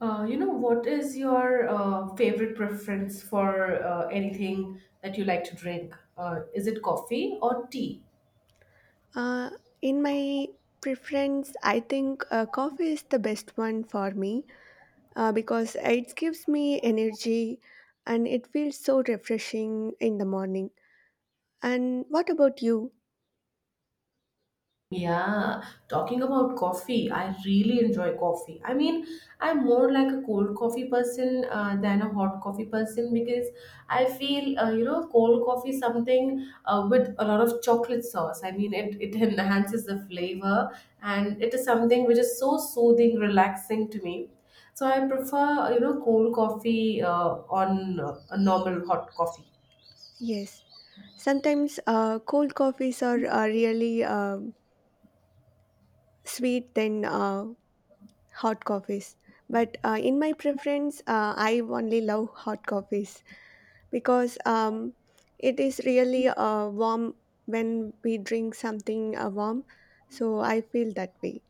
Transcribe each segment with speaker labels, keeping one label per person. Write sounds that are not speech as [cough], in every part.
Speaker 1: What is your favorite preference for anything that you like to drink? Is it coffee or tea?
Speaker 2: Uh, in my preference, I think coffee is the best one for me because it gives me energy and it feels so refreshing in the morning. And what about you?
Speaker 1: Yeah, talking about coffee, I really enjoy coffee. I mean, I'm more like a cold coffee person than a hot coffee person, because I feel, cold coffee is something with a lot of chocolate sauce. I mean, it [laughs] enhances the flavor, and it is something which is so soothing, relaxing to me. So I prefer, cold coffee on a normal hot coffee.
Speaker 2: Yes, sometimes cold coffees are really sweet than hot coffees. But in my preference, I only love hot coffees, because it is really warm when we drink something warm. So I feel that way.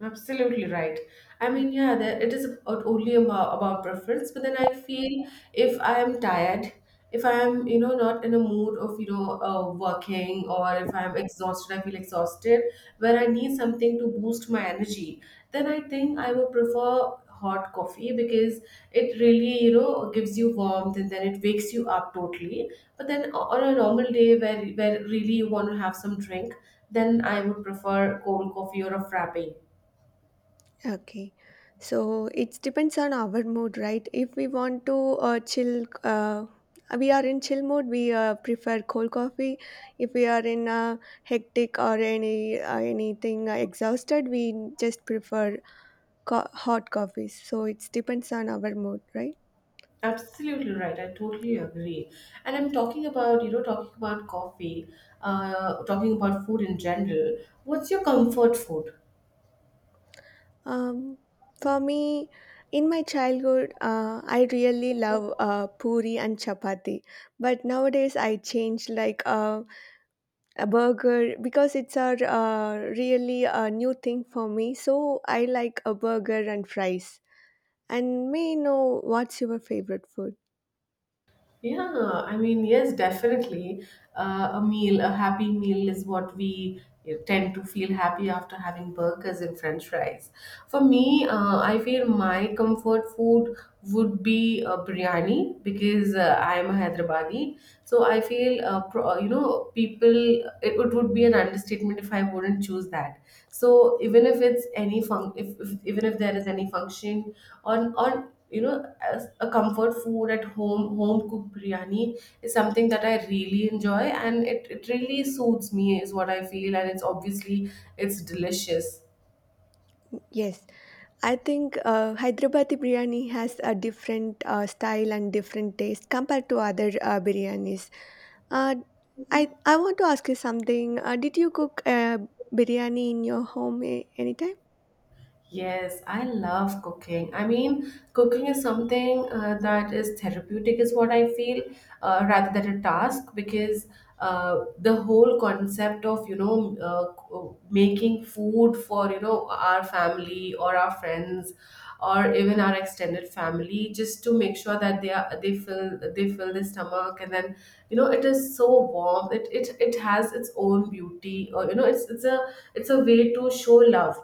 Speaker 1: Absolutely right. I
Speaker 2: Mm.
Speaker 1: mean, yeah, that it is about, only about preference, but then I feel, if I am tired, if I am, not in a mood of, working, or if I'm exhausted, I feel exhausted, where I need something to boost my energy. Then I think I would prefer hot coffee, because it really, gives you warmth, and then it wakes you up totally. But then on a normal day, where really you want to have some drink, then I would prefer cold coffee or a frappe.
Speaker 2: Okay. So it depends on our mood, right? If we want to chill, we are in chill mode, we prefer cold coffee. If we are in a hectic or any anything exhausted, we just prefer hot coffees. So it depends on our mood, right?
Speaker 1: Absolutely right. I totally agree. And I'm talking about, talking about coffee, talking about food in general. What's your comfort food?
Speaker 2: Um, for me, in my childhood, I really love puri and chapati. But nowadays, I change like a burger because it's a really a new thing for me. So I like a burger and fries. And may I know what's your favorite food?
Speaker 1: Yeah, I mean, yes, definitely. A meal, a happy meal is what we, tend to feel happy after, having burgers and french fries. For me, I feel my comfort food would be biryani, because I am a Hyderabadi. So I feel, people, it would be an understatement if I wouldn't choose that. So even if it's any fun, if even if there is any function, on as a comfort food at home cooked biryani is something that I really enjoy, and it really suits me is what I feel, and it's obviously it's delicious.
Speaker 2: Yes, I think Hyderabadi biryani has a different style and different taste compared to other biryanis. Uh, I want to ask you something. Did you cook biryani in your home anytime?
Speaker 1: Yes, I love cooking. I mean, cooking is something that is therapeutic, is what I feel, rather than a task. Because, the whole concept of, making food for, our family or our friends or even our extended family, just to make sure that they fill their stomach, and then, you know, it is so warm. It has its own beauty. Or, you know, it's a way to show love.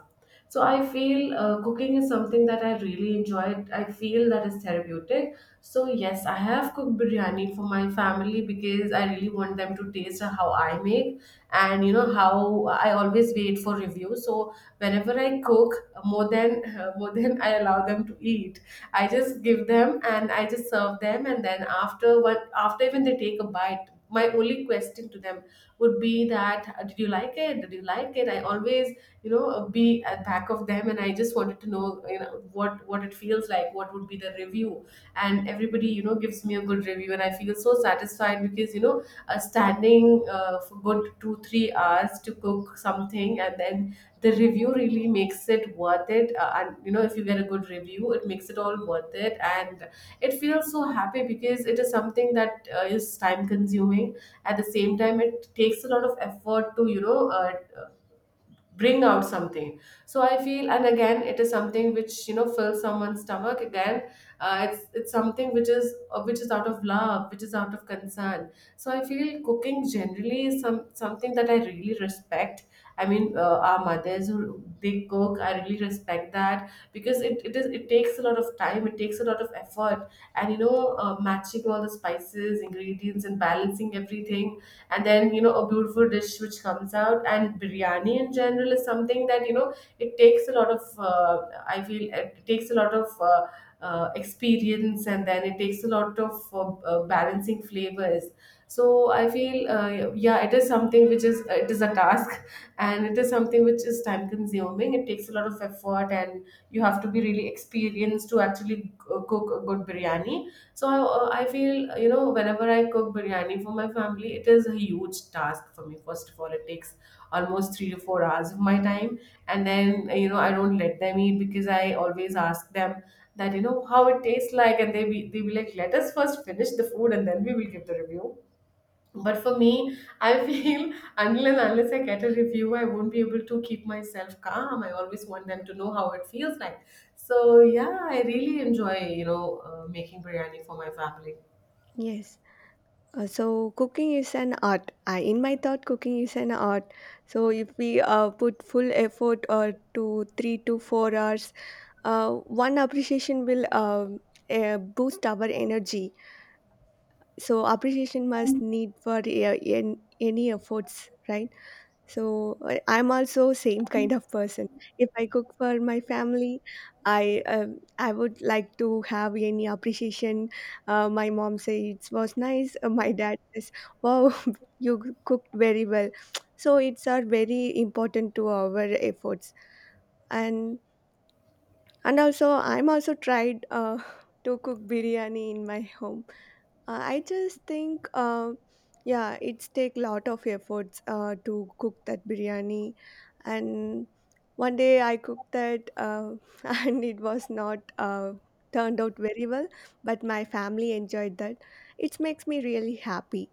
Speaker 1: So I feel, cooking is something that I really enjoy. I feel that is therapeutic. So yes, I have cooked biryani for my family, because I really want them to taste how I make, and you know how I always wait for reviews. So whenever I cook, more than [laughs] more than I allow them to eat, I just give them and I just serve them, and then after even they take a bite, my only question to them would be that, did you like it? Did you like it? I always, be at back of them, and I just wanted to know, you know, what it feels like, what would be the review. And everybody, you know, gives me a good review, and I feel so satisfied, because, standing for good 2 3 hours to cook something, and then the review really makes it worth it, and you know, if you get a good review, it makes it all worth it, and it feels so happy, because it is something that is time consuming. At the same time, it takes a lot of effort to, bring out something. So I feel, and again, it is something which, you know, fills someone's stomach. Again, it's something which is, which is out of love, which is out of concern. So I feel cooking generally is something that I really respect. I mean, our mothers who they cook, I really respect that, because it takes a lot of time, it takes a lot of effort. And, you know, matching all the spices, ingredients, and balancing everything, and then, you know, a beautiful dish which comes out. And biryani in general is something that, you know, it takes a lot of, I feel it takes a lot of experience, and then it takes a lot of, balancing flavors. So I feel, yeah, it is something which is it is a task. [laughs] And it is something which is time consuming, it takes a lot of effort, and you have to be really experienced to actually cook a good biryani. So I feel, you know, whenever I cook biryani for my family, it is a huge task for me. First of all, it takes almost 3 to 4 hours of my time. And then, I don't let them eat, because I always ask them that, you know, how it tastes like. And they be like, let us first finish the food and then we will give the review. But for me, I feel [laughs] until and unless I get a review, I won't be able to keep myself calm. I always want them to know how it feels like. So yeah, I really enjoy, making biryani for my family.
Speaker 2: Yes. So cooking is an art. I, in my thought, cooking is an art. So if we put full effort or to 3 to 4 hours, uh, one appreciation will boost our energy. So appreciation must need for any efforts, right? So I'm also same kind of person. If I cook for my family, I would like to have any appreciation. My mom says it was nice. My dad says, "Wow, [laughs] you cooked very well." [tsk] So it's are very important to our efforts. And and also I'm also tried [laughs] to cook biryani in my home. I just think, yeah, it's take lot of efforts to cook that biryani, and one day I cooked that, [laughs] and it was not turned out very well. But my family enjoyed that. It makes me really happy,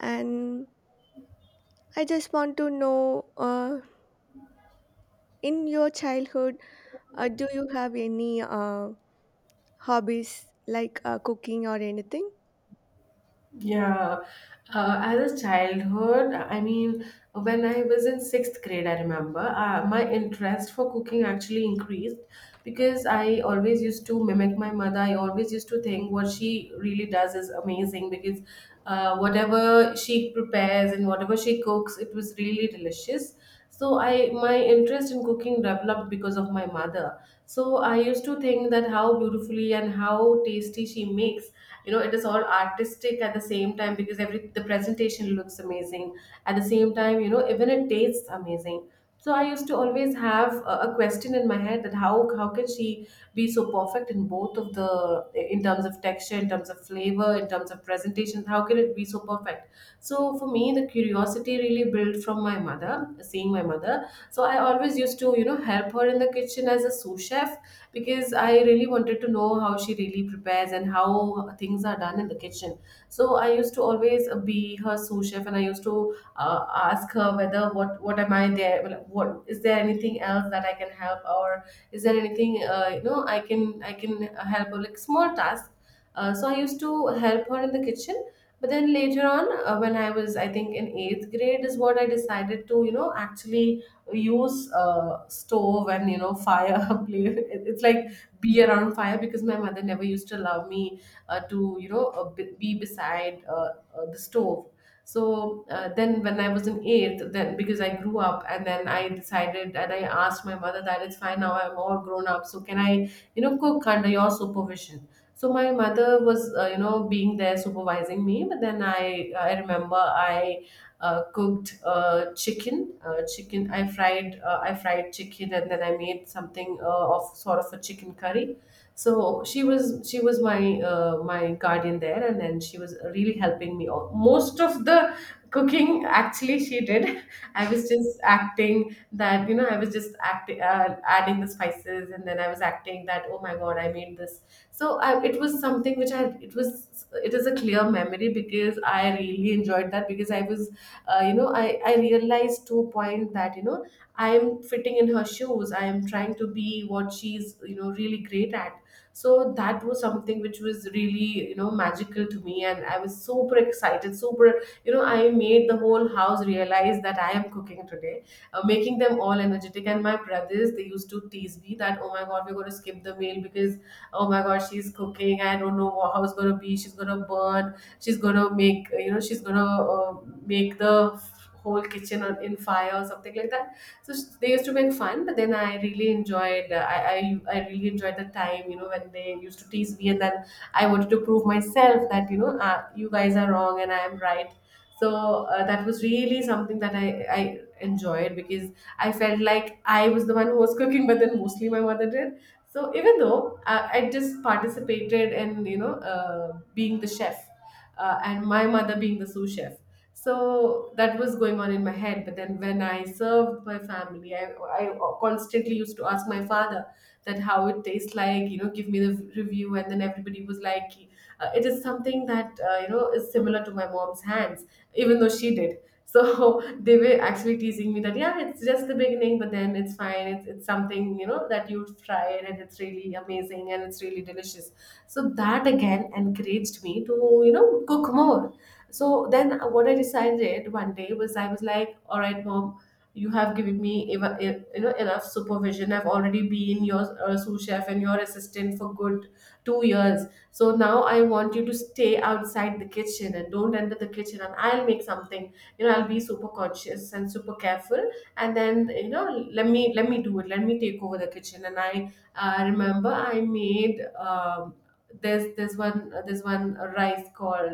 Speaker 2: and I just want to know, in your childhood, do you have any hobbies like cooking or anything?
Speaker 1: Yeah, as a childhood, I mean, when I was in sixth grade, I remember my interest for cooking actually increased, because I always used to mimic my mother. I always used to think what she really does is amazing, because, whatever she prepares and whatever she cooks, it was really delicious. So i my interest in cooking developed because of my mother. So I used to think that how beautifully and how tasty she makes, you know, it is all artistic. At the same time, because every the presentation looks amazing, at the same time, you know, even it tastes amazing. So I used to always have a question in my head, that how can she be so perfect, in terms of texture, in terms of flavor, in terms of presentation. How can it be so perfect? So for me, the curiosity really built from my mother, seeing my mother. So I always used to, you know, help her in the kitchen as a sous chef, because I really wanted to know how she really prepares and how things are done in the kitchen. So I used to always be her sous chef, and I used to ask her whether what am I there? Well, what is there, anything else that I can help, or is there anything, you know, I can help her, like small tasks. So I used to help her in the kitchen, but then later on, when I was, I think, in eighth grade, is what I decided to, you know, actually use stove and, you know, fire. [laughs] Play. It's like be around fire, because my mother never used to allow me, to, you know, be beside, the stove. So then when I was in eighth, then because I grew up and then I decided and I asked my mother that it's fine now, I'm all grown up. So can I, you know, cook under your supervision? So my mother was, you know, being there supervising me. But then I remember I cooked, chicken. I fried, I fried chicken, and then I made something, of sort of a chicken curry. So she was my guardian there, and then she was really helping me all. Most of the cooking actually she did. [laughs] I was just acting that, you know, I was just acting, adding the spices, and then I was acting that, oh my God, I made this. So, it was something which I it was it is a clear memory because I really enjoyed that. Because I was, you know, I realized to a point that, you know, I am fitting in her shoes. I am trying to be what she's, you know, really great at. So that was something which was really, you know, magical to me, and I was super excited, super, you know. I made the whole house realize that I am cooking today, making them all energetic. And my brothers, they used to tease me that, oh my God, we're going to skip the meal because, oh my gosh, she's cooking, I don't know, how it's going to be. She's going to burn, she's going to make, you know, she's going to make the whole kitchen in fire or something like that. So they used to make fun, but then I really enjoyed, the time, you know, when they used to tease me. And then I wanted to prove myself that, you know, you guys are wrong and I am right. So that was really something that I enjoyed because I felt like I was the one who was cooking, but then mostly my mother did. So even though, I just participated in, you know, being the chef, and my mother being the sous chef. So that was going on in my head. But then when I served my family, I constantly used to ask my father that how it tastes like, you know, give me the review. And then everybody was like, it is something that, you know, is similar to my mom's hands, even though she did. So [laughs] they were actually teasing me that, yeah, it's just the beginning, but then it's fine. It's something, you know, that you've tried, and it's really amazing and it's really delicious. So that again encouraged me to, you know, cook more. So then what I decided one day was, I was like, all right, mom, you have given me you know, enough supervision. I've already been your sous chef and your assistant for good 2 years. So now I want you to stay outside the kitchen and don't enter the kitchen. And I'll make something. You know, I'll be super conscious and super careful. And then, you know, let me do it. Let me take over the kitchen. And I remember I made. There's one rice called,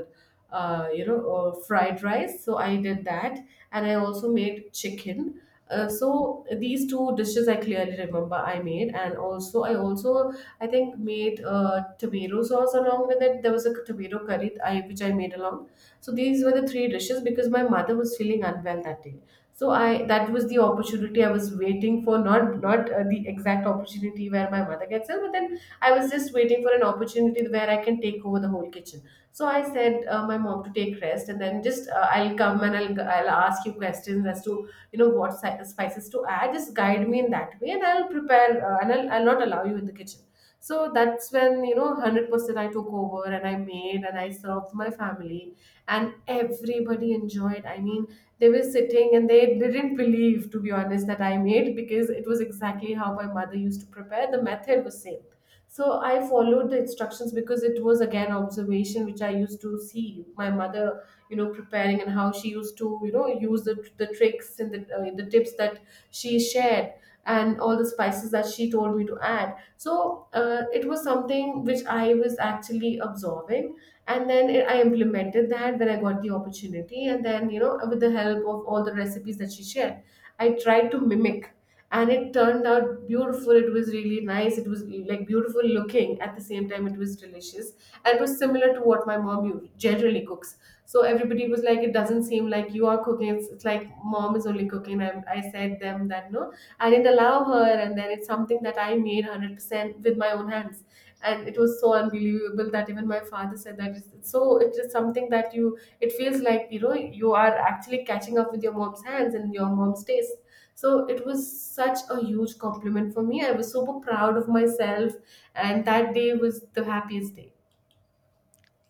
Speaker 1: you know, fried rice. So I did that, and I also made chicken, so these two dishes I clearly remember I made. And also I think made, tomato sauce along with it. There was a tomato curry, which I made along. So these were the three dishes because my mother was feeling unwell that day. So I that was the opportunity I was waiting for, not the exact opportunity where my mother gets ill, but then I was just waiting for an opportunity where I can take over the whole kitchen. So I said, my mom, to take rest, and then just, I'll come and I'll ask you questions as to, you know, what spices to add. Just guide me in that way, and I'll prepare, and I'll not allow you in the kitchen. So that's when, you know, 100% I took over, and I made, and I served my family, and everybody enjoyed. I mean, they were sitting and they didn't believe, to be honest, that I made, because it was exactly how my mother used to prepare. The method was same. So I followed the instructions because it was again observation, which I used to see my mother, you know, preparing, and how she used to, you know, use the tricks and the tips that she shared, and all the spices that she told me to add. So it was something which I was actually absorbing, and then I implemented that when I got the opportunity. And then, you know, with the help of all the recipes that she shared, I tried to mimic, and it turned out beautiful. It was really nice. It was like beautiful looking. At the same time, it was delicious, and it was similar to what my mom generally cooks. So everybody was like, it doesn't seem like you are cooking, it's like mom is only cooking. I said them that, no, I didn't allow her, and then it's something that I made 100% with my own hands. And it was so unbelievable that even my father said that, it's so it is something that you, it feels like, you know, you are actually catching up with your mom's hands and your mom's taste. So it was such a huge compliment for me. I was super proud of myself, and that day was the happiest day.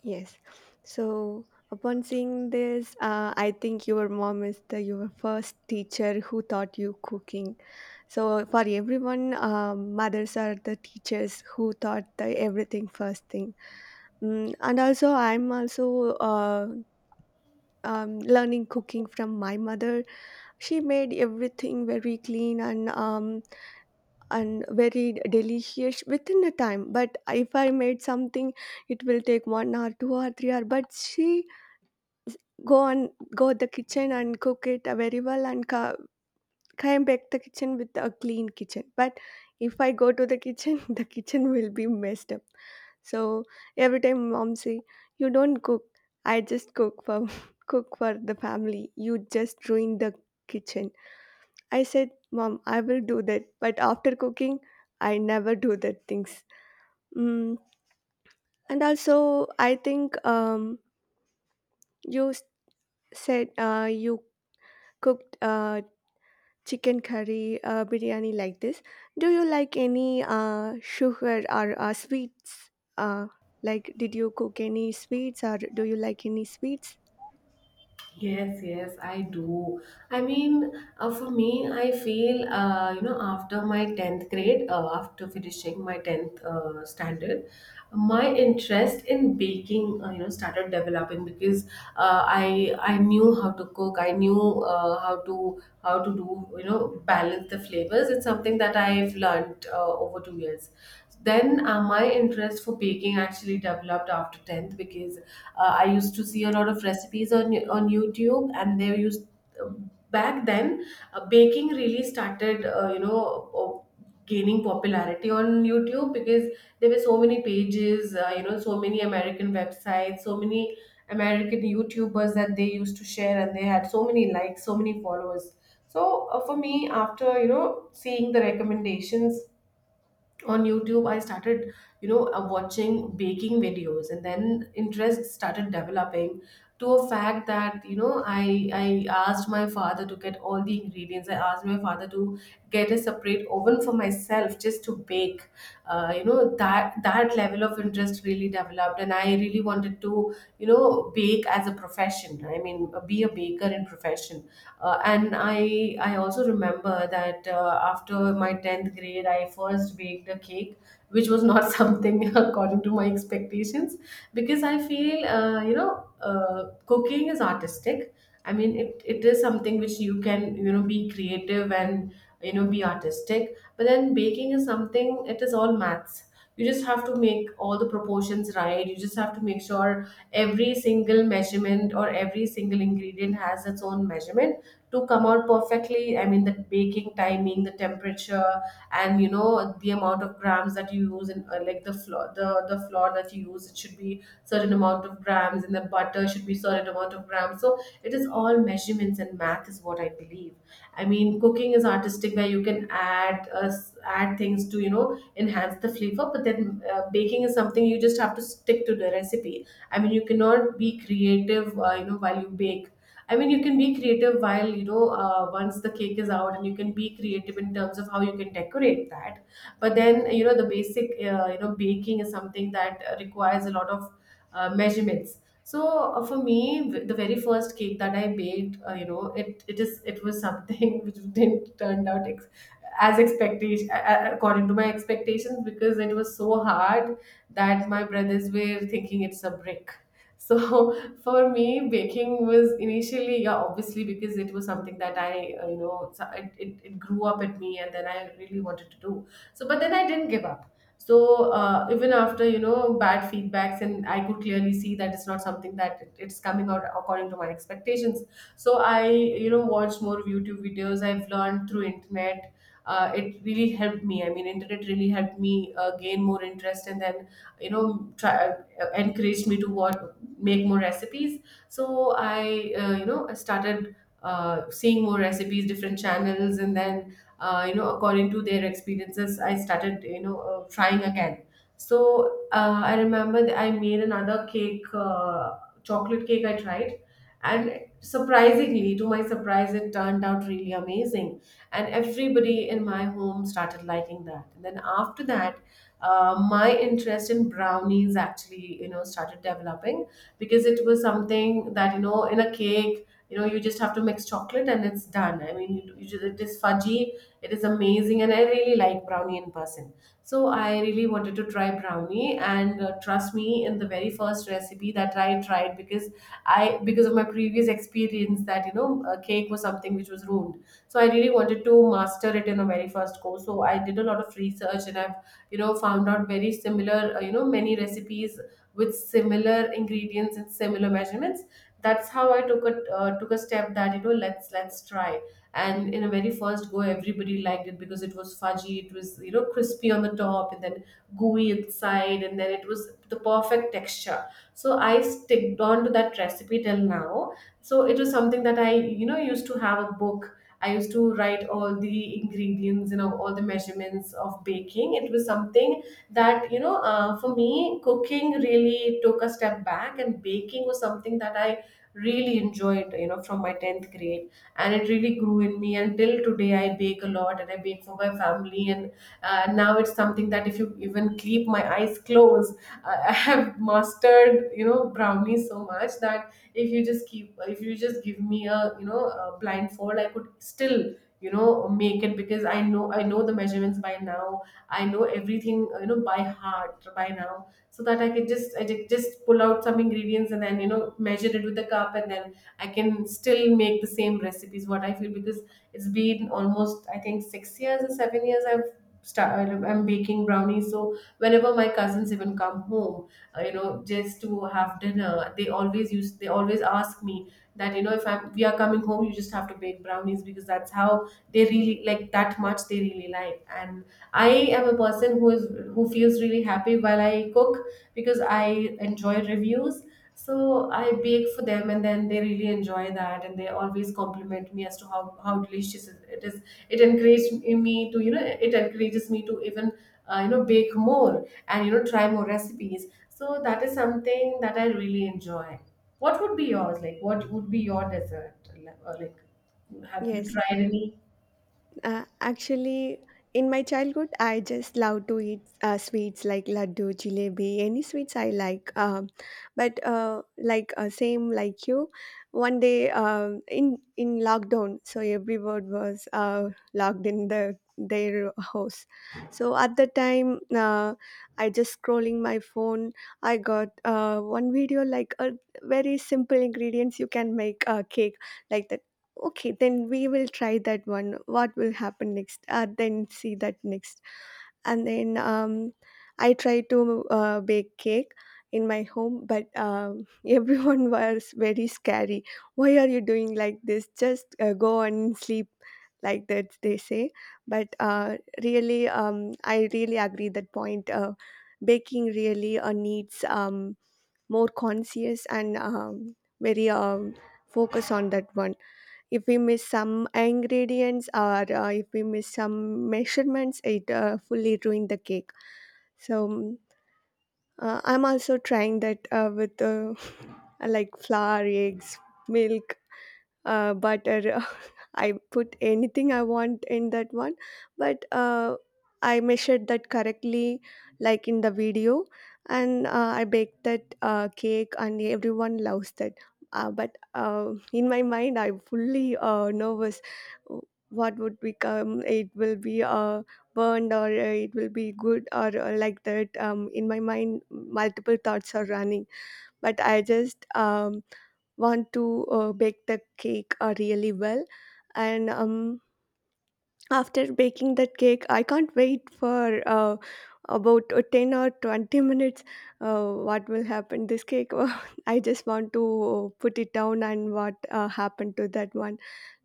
Speaker 2: Yes. So upon seeing this, I think your mom is the your first teacher who taught you cooking. So for everyone, mothers are the teachers who taught the everything first thing. Mm, and also, I'm also learning cooking from my mother. She made everything very clean and very delicious within the time. But if I made something, it will take 1 hour, 2 or 3 hour. But she go and go the kitchen and cook it very well and co come back the kitchen with a clean kitchen. But if I go to the kitchen, [laughs] the kitchen will be messed up. So every time mom say, "You don't cook. I just cook for [laughs] cook for the family. You just ruin the kitchen." I said, "Mom, I will do that, but after cooking, I never do that things." Mm. And also, I think you said you cooked chicken curry, biryani like this. Do you like any sugar or sweets? Uh, like, did you cook any sweets or do you like any sweets?
Speaker 1: Yes, yes, I do. I mean, for me, I feel, you know, after my 10th grade, after finishing my 10th standard, my interest in baking, you know, started developing. Because I knew how to cook. I knew, how to do, you know, balance the flavors. It's something that I've learned, over 2 years. Then, my interest for baking actually developed after 10th, because I used to see a lot of recipes on YouTube, and they used, um, back then, baking really started, you know, uh, gaining popularity on YouTube. Because there were so many pages, you know, so many American websites, so many American YouTubers, that they used to share, and they had so many likes, so many followers. So, for me, after, you know, seeing the recommendations on YouTube, I started, you know, watching baking videos, and then interest started developing to a fact that, you know, I asked my father to get all the ingredients. I asked my father to get a separate oven for myself just to bake. You know, that level of interest really developed, and I really wanted to, you know, bake as a profession. I mean, be a baker in profession. And I also remember that, after my 10th grade, I first baked a cake, which was not [laughs] something according to my expectations, because I feel, you know, cooking is artistic. I mean, it is something which you can, you know, be creative and, you know, be artistic, but then baking is something, it is all maths. You just have to make all the proportions right. You just have to make sure every single measurement or every single ingredient has its own measurement to come out perfectly. I mean, the baking timing, the temperature, and, you know, the amount of grams that you use, and, like the flour, the flour that you use, it should be certain amount of grams, and the butter should be certain amount of grams. So it is all measurements, and math is what I believe. I mean, cooking is artistic where you can add, add things to, you know, enhance the flavor. But then, baking is something, you just have to stick to the recipe. I mean, you cannot be creative, you know, while you bake. I mean, you can be creative while, you know, once the cake is out, and you can be creative in terms of how you can decorate that. But then, you know, the basic, you know, baking is something that requires a lot of measurements. So, for me, the very first cake that I baked, you know, it was something [laughs] which didn't turn out as expectation according to my expectations, because it was so hard that my brothers were thinking it's a brick. [laughs] So for me, baking was initially, yeah, obviously, because it was something that you know, it grew up at me, and then I really wanted to do. So, but then I didn't give up. So, even after, you know, bad feedbacks, and I could clearly see that it's not something, that it's coming out according to my expectations. So, I, you know, watched more YouTube videos, I've learned through internet. It really helped me. I mean, internet really helped me gain more interest, and then, you know, try encouraged me to what make more recipes. So I you know, I started, seeing more recipes, different channels, and then, you know, according to their experiences, I started, you know, trying again. So I remember that I made another cake, chocolate cake I tried, and surprisingly, to my surprise, it turned out really amazing. And everybody in my home started liking that. And then after that, my interest in brownies actually, you know, started developing. Because it was something that, you know, in a cake, you know, you just have to mix chocolate, and it's done. I mean, you just, it is fudgy, it is amazing, and I really like brownie in person. So I really wanted to try brownie, and, trust me, in the very first recipe that I tried, because I because of my previous experience that, you know, a cake was something which was ruined, so I really wanted to master it in the very first go. So I did a lot of research, and I've found out very similar, many recipes with similar ingredients and similar measurements. That's how I took a step that, let's try. And in a very first go, everybody liked it because it was fudgy, it was, crispy on the top, and then gooey inside, and then it was the perfect texture. So I sticked on to that recipe till now. So it was something that I, used to have a book. I used to write all the ingredients, all the measurements of baking. It was something that, for me, cooking really took a step back, and baking was something that I really enjoyed, from my 10th grade. And it really grew in me. And till today, I bake a lot and I bake for my family. And now it's something that if you even keep my eyes closed, I [laughs] I have mastered, brownies so much that if you just give me a, a blindfold, I could still, make it, because I know the measurements by now. I know everything, by heart by now, so that I could just pull out some ingredients and then, measure it with the cup, and then I can still make the same recipes what I feel, because it's been almost, I think, 6 years or 7 years I'm baking brownies. So whenever my cousins even come home, just to have dinner, they always ask me that, if I'm we are coming home, you just have to bake brownies, because that's how they really like that much. They really like. And I am a person who feels really happy while I cook, because I enjoy reviews. So I bake for them, and then they really enjoy that, and they always compliment me as to how delicious it is. It encourages me to even, bake more, and, try more recipes. So that is something that I really enjoy. What would be yours? Like, what would be your dessert? Like, have you
Speaker 2: Yes.
Speaker 1: tried any?
Speaker 2: Actually, in my childhood, I just love to eat sweets like laddu, jalebi, any sweets I like. But same like you, one day in lockdown, so everyone was locked in the their house. So at the time, I just scrolling my phone. I got one video like a very simple ingredients you can make a cake like that. Okay, then we will try that one, what will happen next, then see that next. And then I tried to bake cake in my home, but [laughs] everyone was very scary. Why are you doing like this? Just go and sleep, like that they say. But really I really agree that point. Baking really needs more conscious and very focus on that one. If we miss some ingredients or if we miss some measurements, it fully ruined the cake. So I'm also trying that with [laughs] like flour, eggs, milk, butter. [laughs] I put anything I want in that one, but I measured that correctly, like in the video, and I baked that cake, and everyone loves that. But in my mind, I'm fully nervous. uh, What would become? It will be. Burned or it will be good, or like that, in my mind multiple thoughts are running, but I just want to bake the cake really well. And after baking that cake, I can't wait for about 10 or 20 minutes. What will happen this cake? [laughs] I just want to put it down and what happened to that one,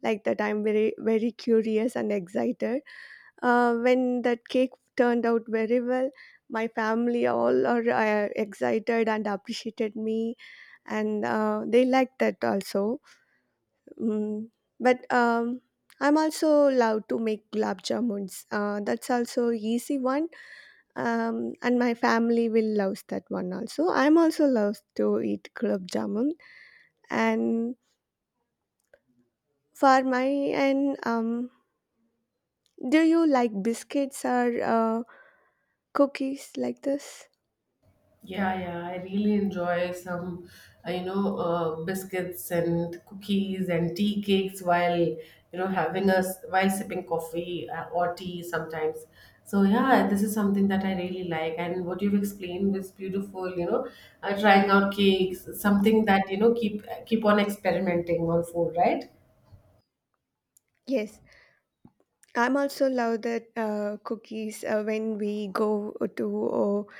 Speaker 2: like that. I'm very curious and excited. When that cake turned out very well, my family all are excited and appreciated me, and they liked that also. Mm. But I'm also love to make gulab jamuns. That's also easy one, and my family will loves that one also. I'm also loves to eat gulab jamun. And for my and do you like biscuits or cookies like this?
Speaker 1: Yeah, yeah, I really enjoy some, biscuits and cookies and tea cakes while, having us while sipping coffee, or tea sometimes. So yeah, this is something that I really like. And what you've explained is beautiful, trying out cakes, something that, keep on experimenting on food, right?
Speaker 2: Yes, I'm also love that cookies. When we go to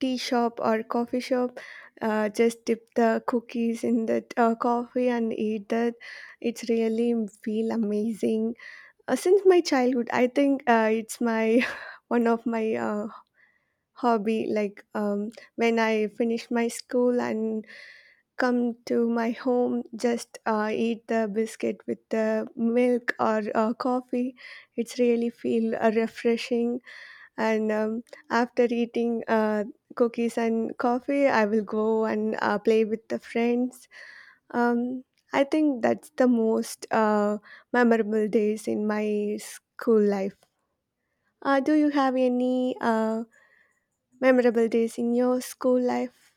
Speaker 2: tea shop or coffee shop, just dip the cookies in that coffee and eat that, it's really feel amazing. Since my childhood, I think it's my [laughs] one of my hobby, like when I finish my school and come to my home, just eat the biscuit with the milk or coffee, it's really feel refreshing. And after eating cookies and coffee, I will go and play with the friends. um, I think that's the most memorable days in my school life. Do you have any memorable days in your school life?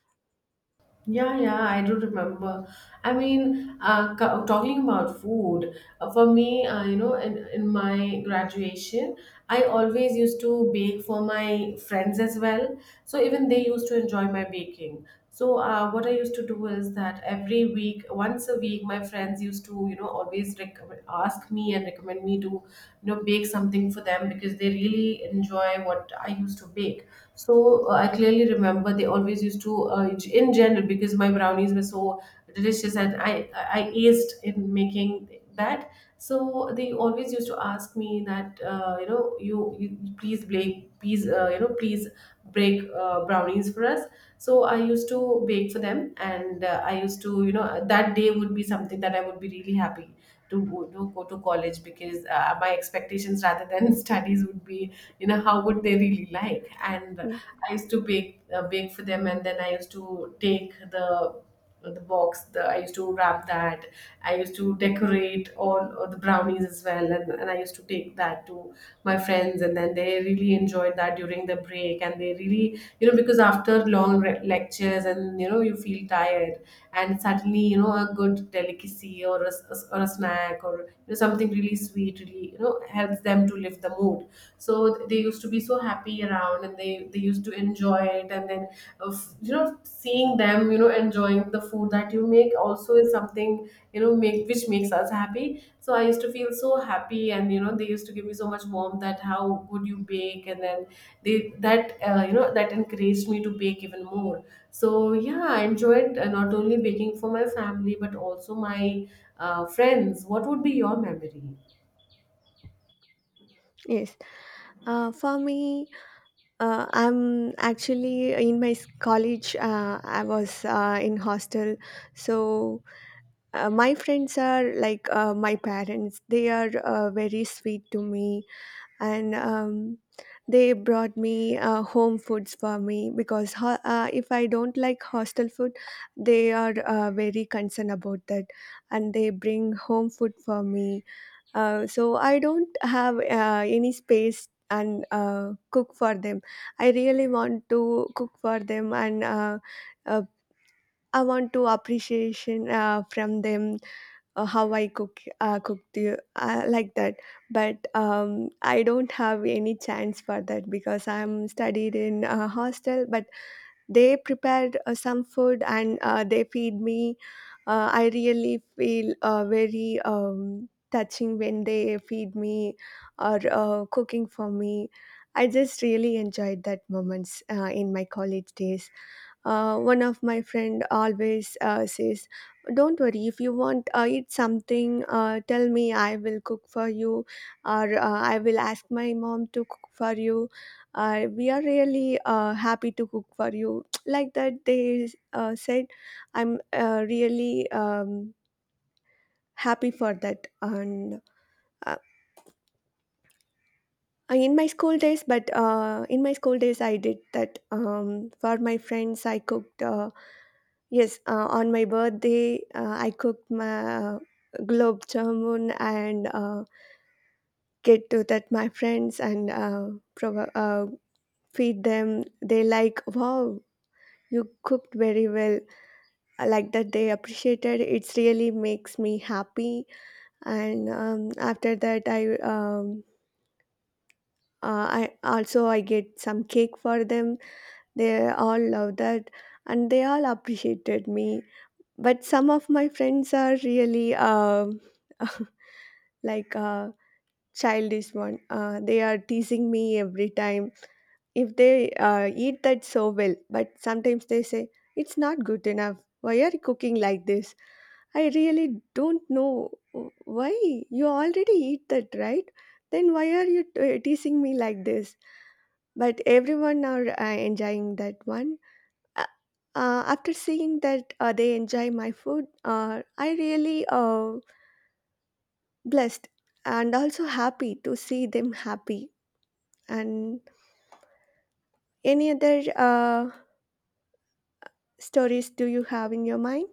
Speaker 1: Yeah, yeah, I do remember. I mean, talking about food, for me, in my graduation, I always used to bake for my friends as well. So even they used to enjoy my baking. So what I used to do is that every week, once a week, my friends used to, always recommend ask me and recommend me to, bake something for them, because they really enjoy what I used to bake. So I clearly remember they always used to, in general, because my brownies were so delicious, and I aced in making that. So they always used to ask me that, you please, Blake, please, please break brownies for us. So I used to bake for them. And I used to, that day would be something that I would be really happy to go to college, because my expectations rather than [laughs] studies would be, how would they really like. And
Speaker 2: Ye-
Speaker 1: I used to bake for them, and then I used to take the box, I used to wrap that. I used to decorate all the brownies as well, and I used to take that to my friends, and then they really enjoyed that during the break. And they really, because after long lectures, and, you feel tired, and suddenly, a good delicacy or or a snack or, something really sweet really, helps them to lift the mood. So they used to be so happy around, and they used to enjoy it. And then, of, seeing them, enjoying the food that you make, also is something you know make which makes us happy. So I used to feel so happy, and, they used to give me so much warmth that how good you bake. And then they that you know that encouraged me to bake even more. So yeah, I enjoyed, not only baking for my family but also my friends. What would be your memory?
Speaker 2: yes. For me, I'm actually in my college, I was in hostel. So my friends are like my parents. They are very sweet to me, and they brought me home foods for me, because if I don't like hostel food, they are very concerned about that, and they bring home food for me. So I don't have any space and cook for them. I really want to cook for them. And. Uh, I want to appreciation from them, how I cook cook the like that. But I don't have any chance for that because I'm studied in a hostel. But they prepared some food and they feed me. I really feel very touching when they feed me or cooking for me. I just really enjoyed that moments in my college days. One of my friend always says, "Don't worry, if you want eat something, tell me. I will cook for you, or I will ask my mom to cook for you. We are really happy to cook for you." [tsk] Like that, they said, "I'm really." Happy for that. And uh, in my school days I did that, for my friends I cooked yes, on my birthday, I cooked my globe jamun and get to that my friends and feed them. They like, wow, you cooked very well. I like that, they appreciated it. Really makes me happy. And after that, I also I get some cake for them. They all love that, and they all appreciated me. But some of my friends are really like a childish one. They are teasing me every time. If they eat that so well, but sometimes they say, it's not good enough. Why are you cooking like this? I really don't know why. You already eat that, right? Then why are you teasing me like this? But everyone are enjoying that one. Uh, After seeing that they enjoy my food, I really blessed and also happy to see them happy. And any other stories do you have in your mind?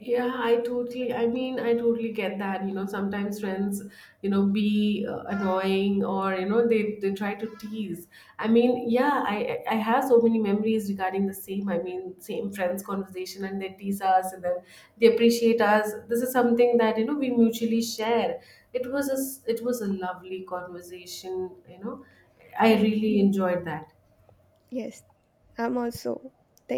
Speaker 1: Yeah, I totally— I mean, I totally get that. Sometimes friends, be annoying, or, they try to tease. I mean, yeah, I have so many memories regarding the same. I mean, same friends conversation, and they tease us, and then they appreciate us. This is something that, we mutually share. It was a lovely conversation. I
Speaker 2: Yeah,
Speaker 1: really enjoyed that.
Speaker 2: yes, I'm also thank.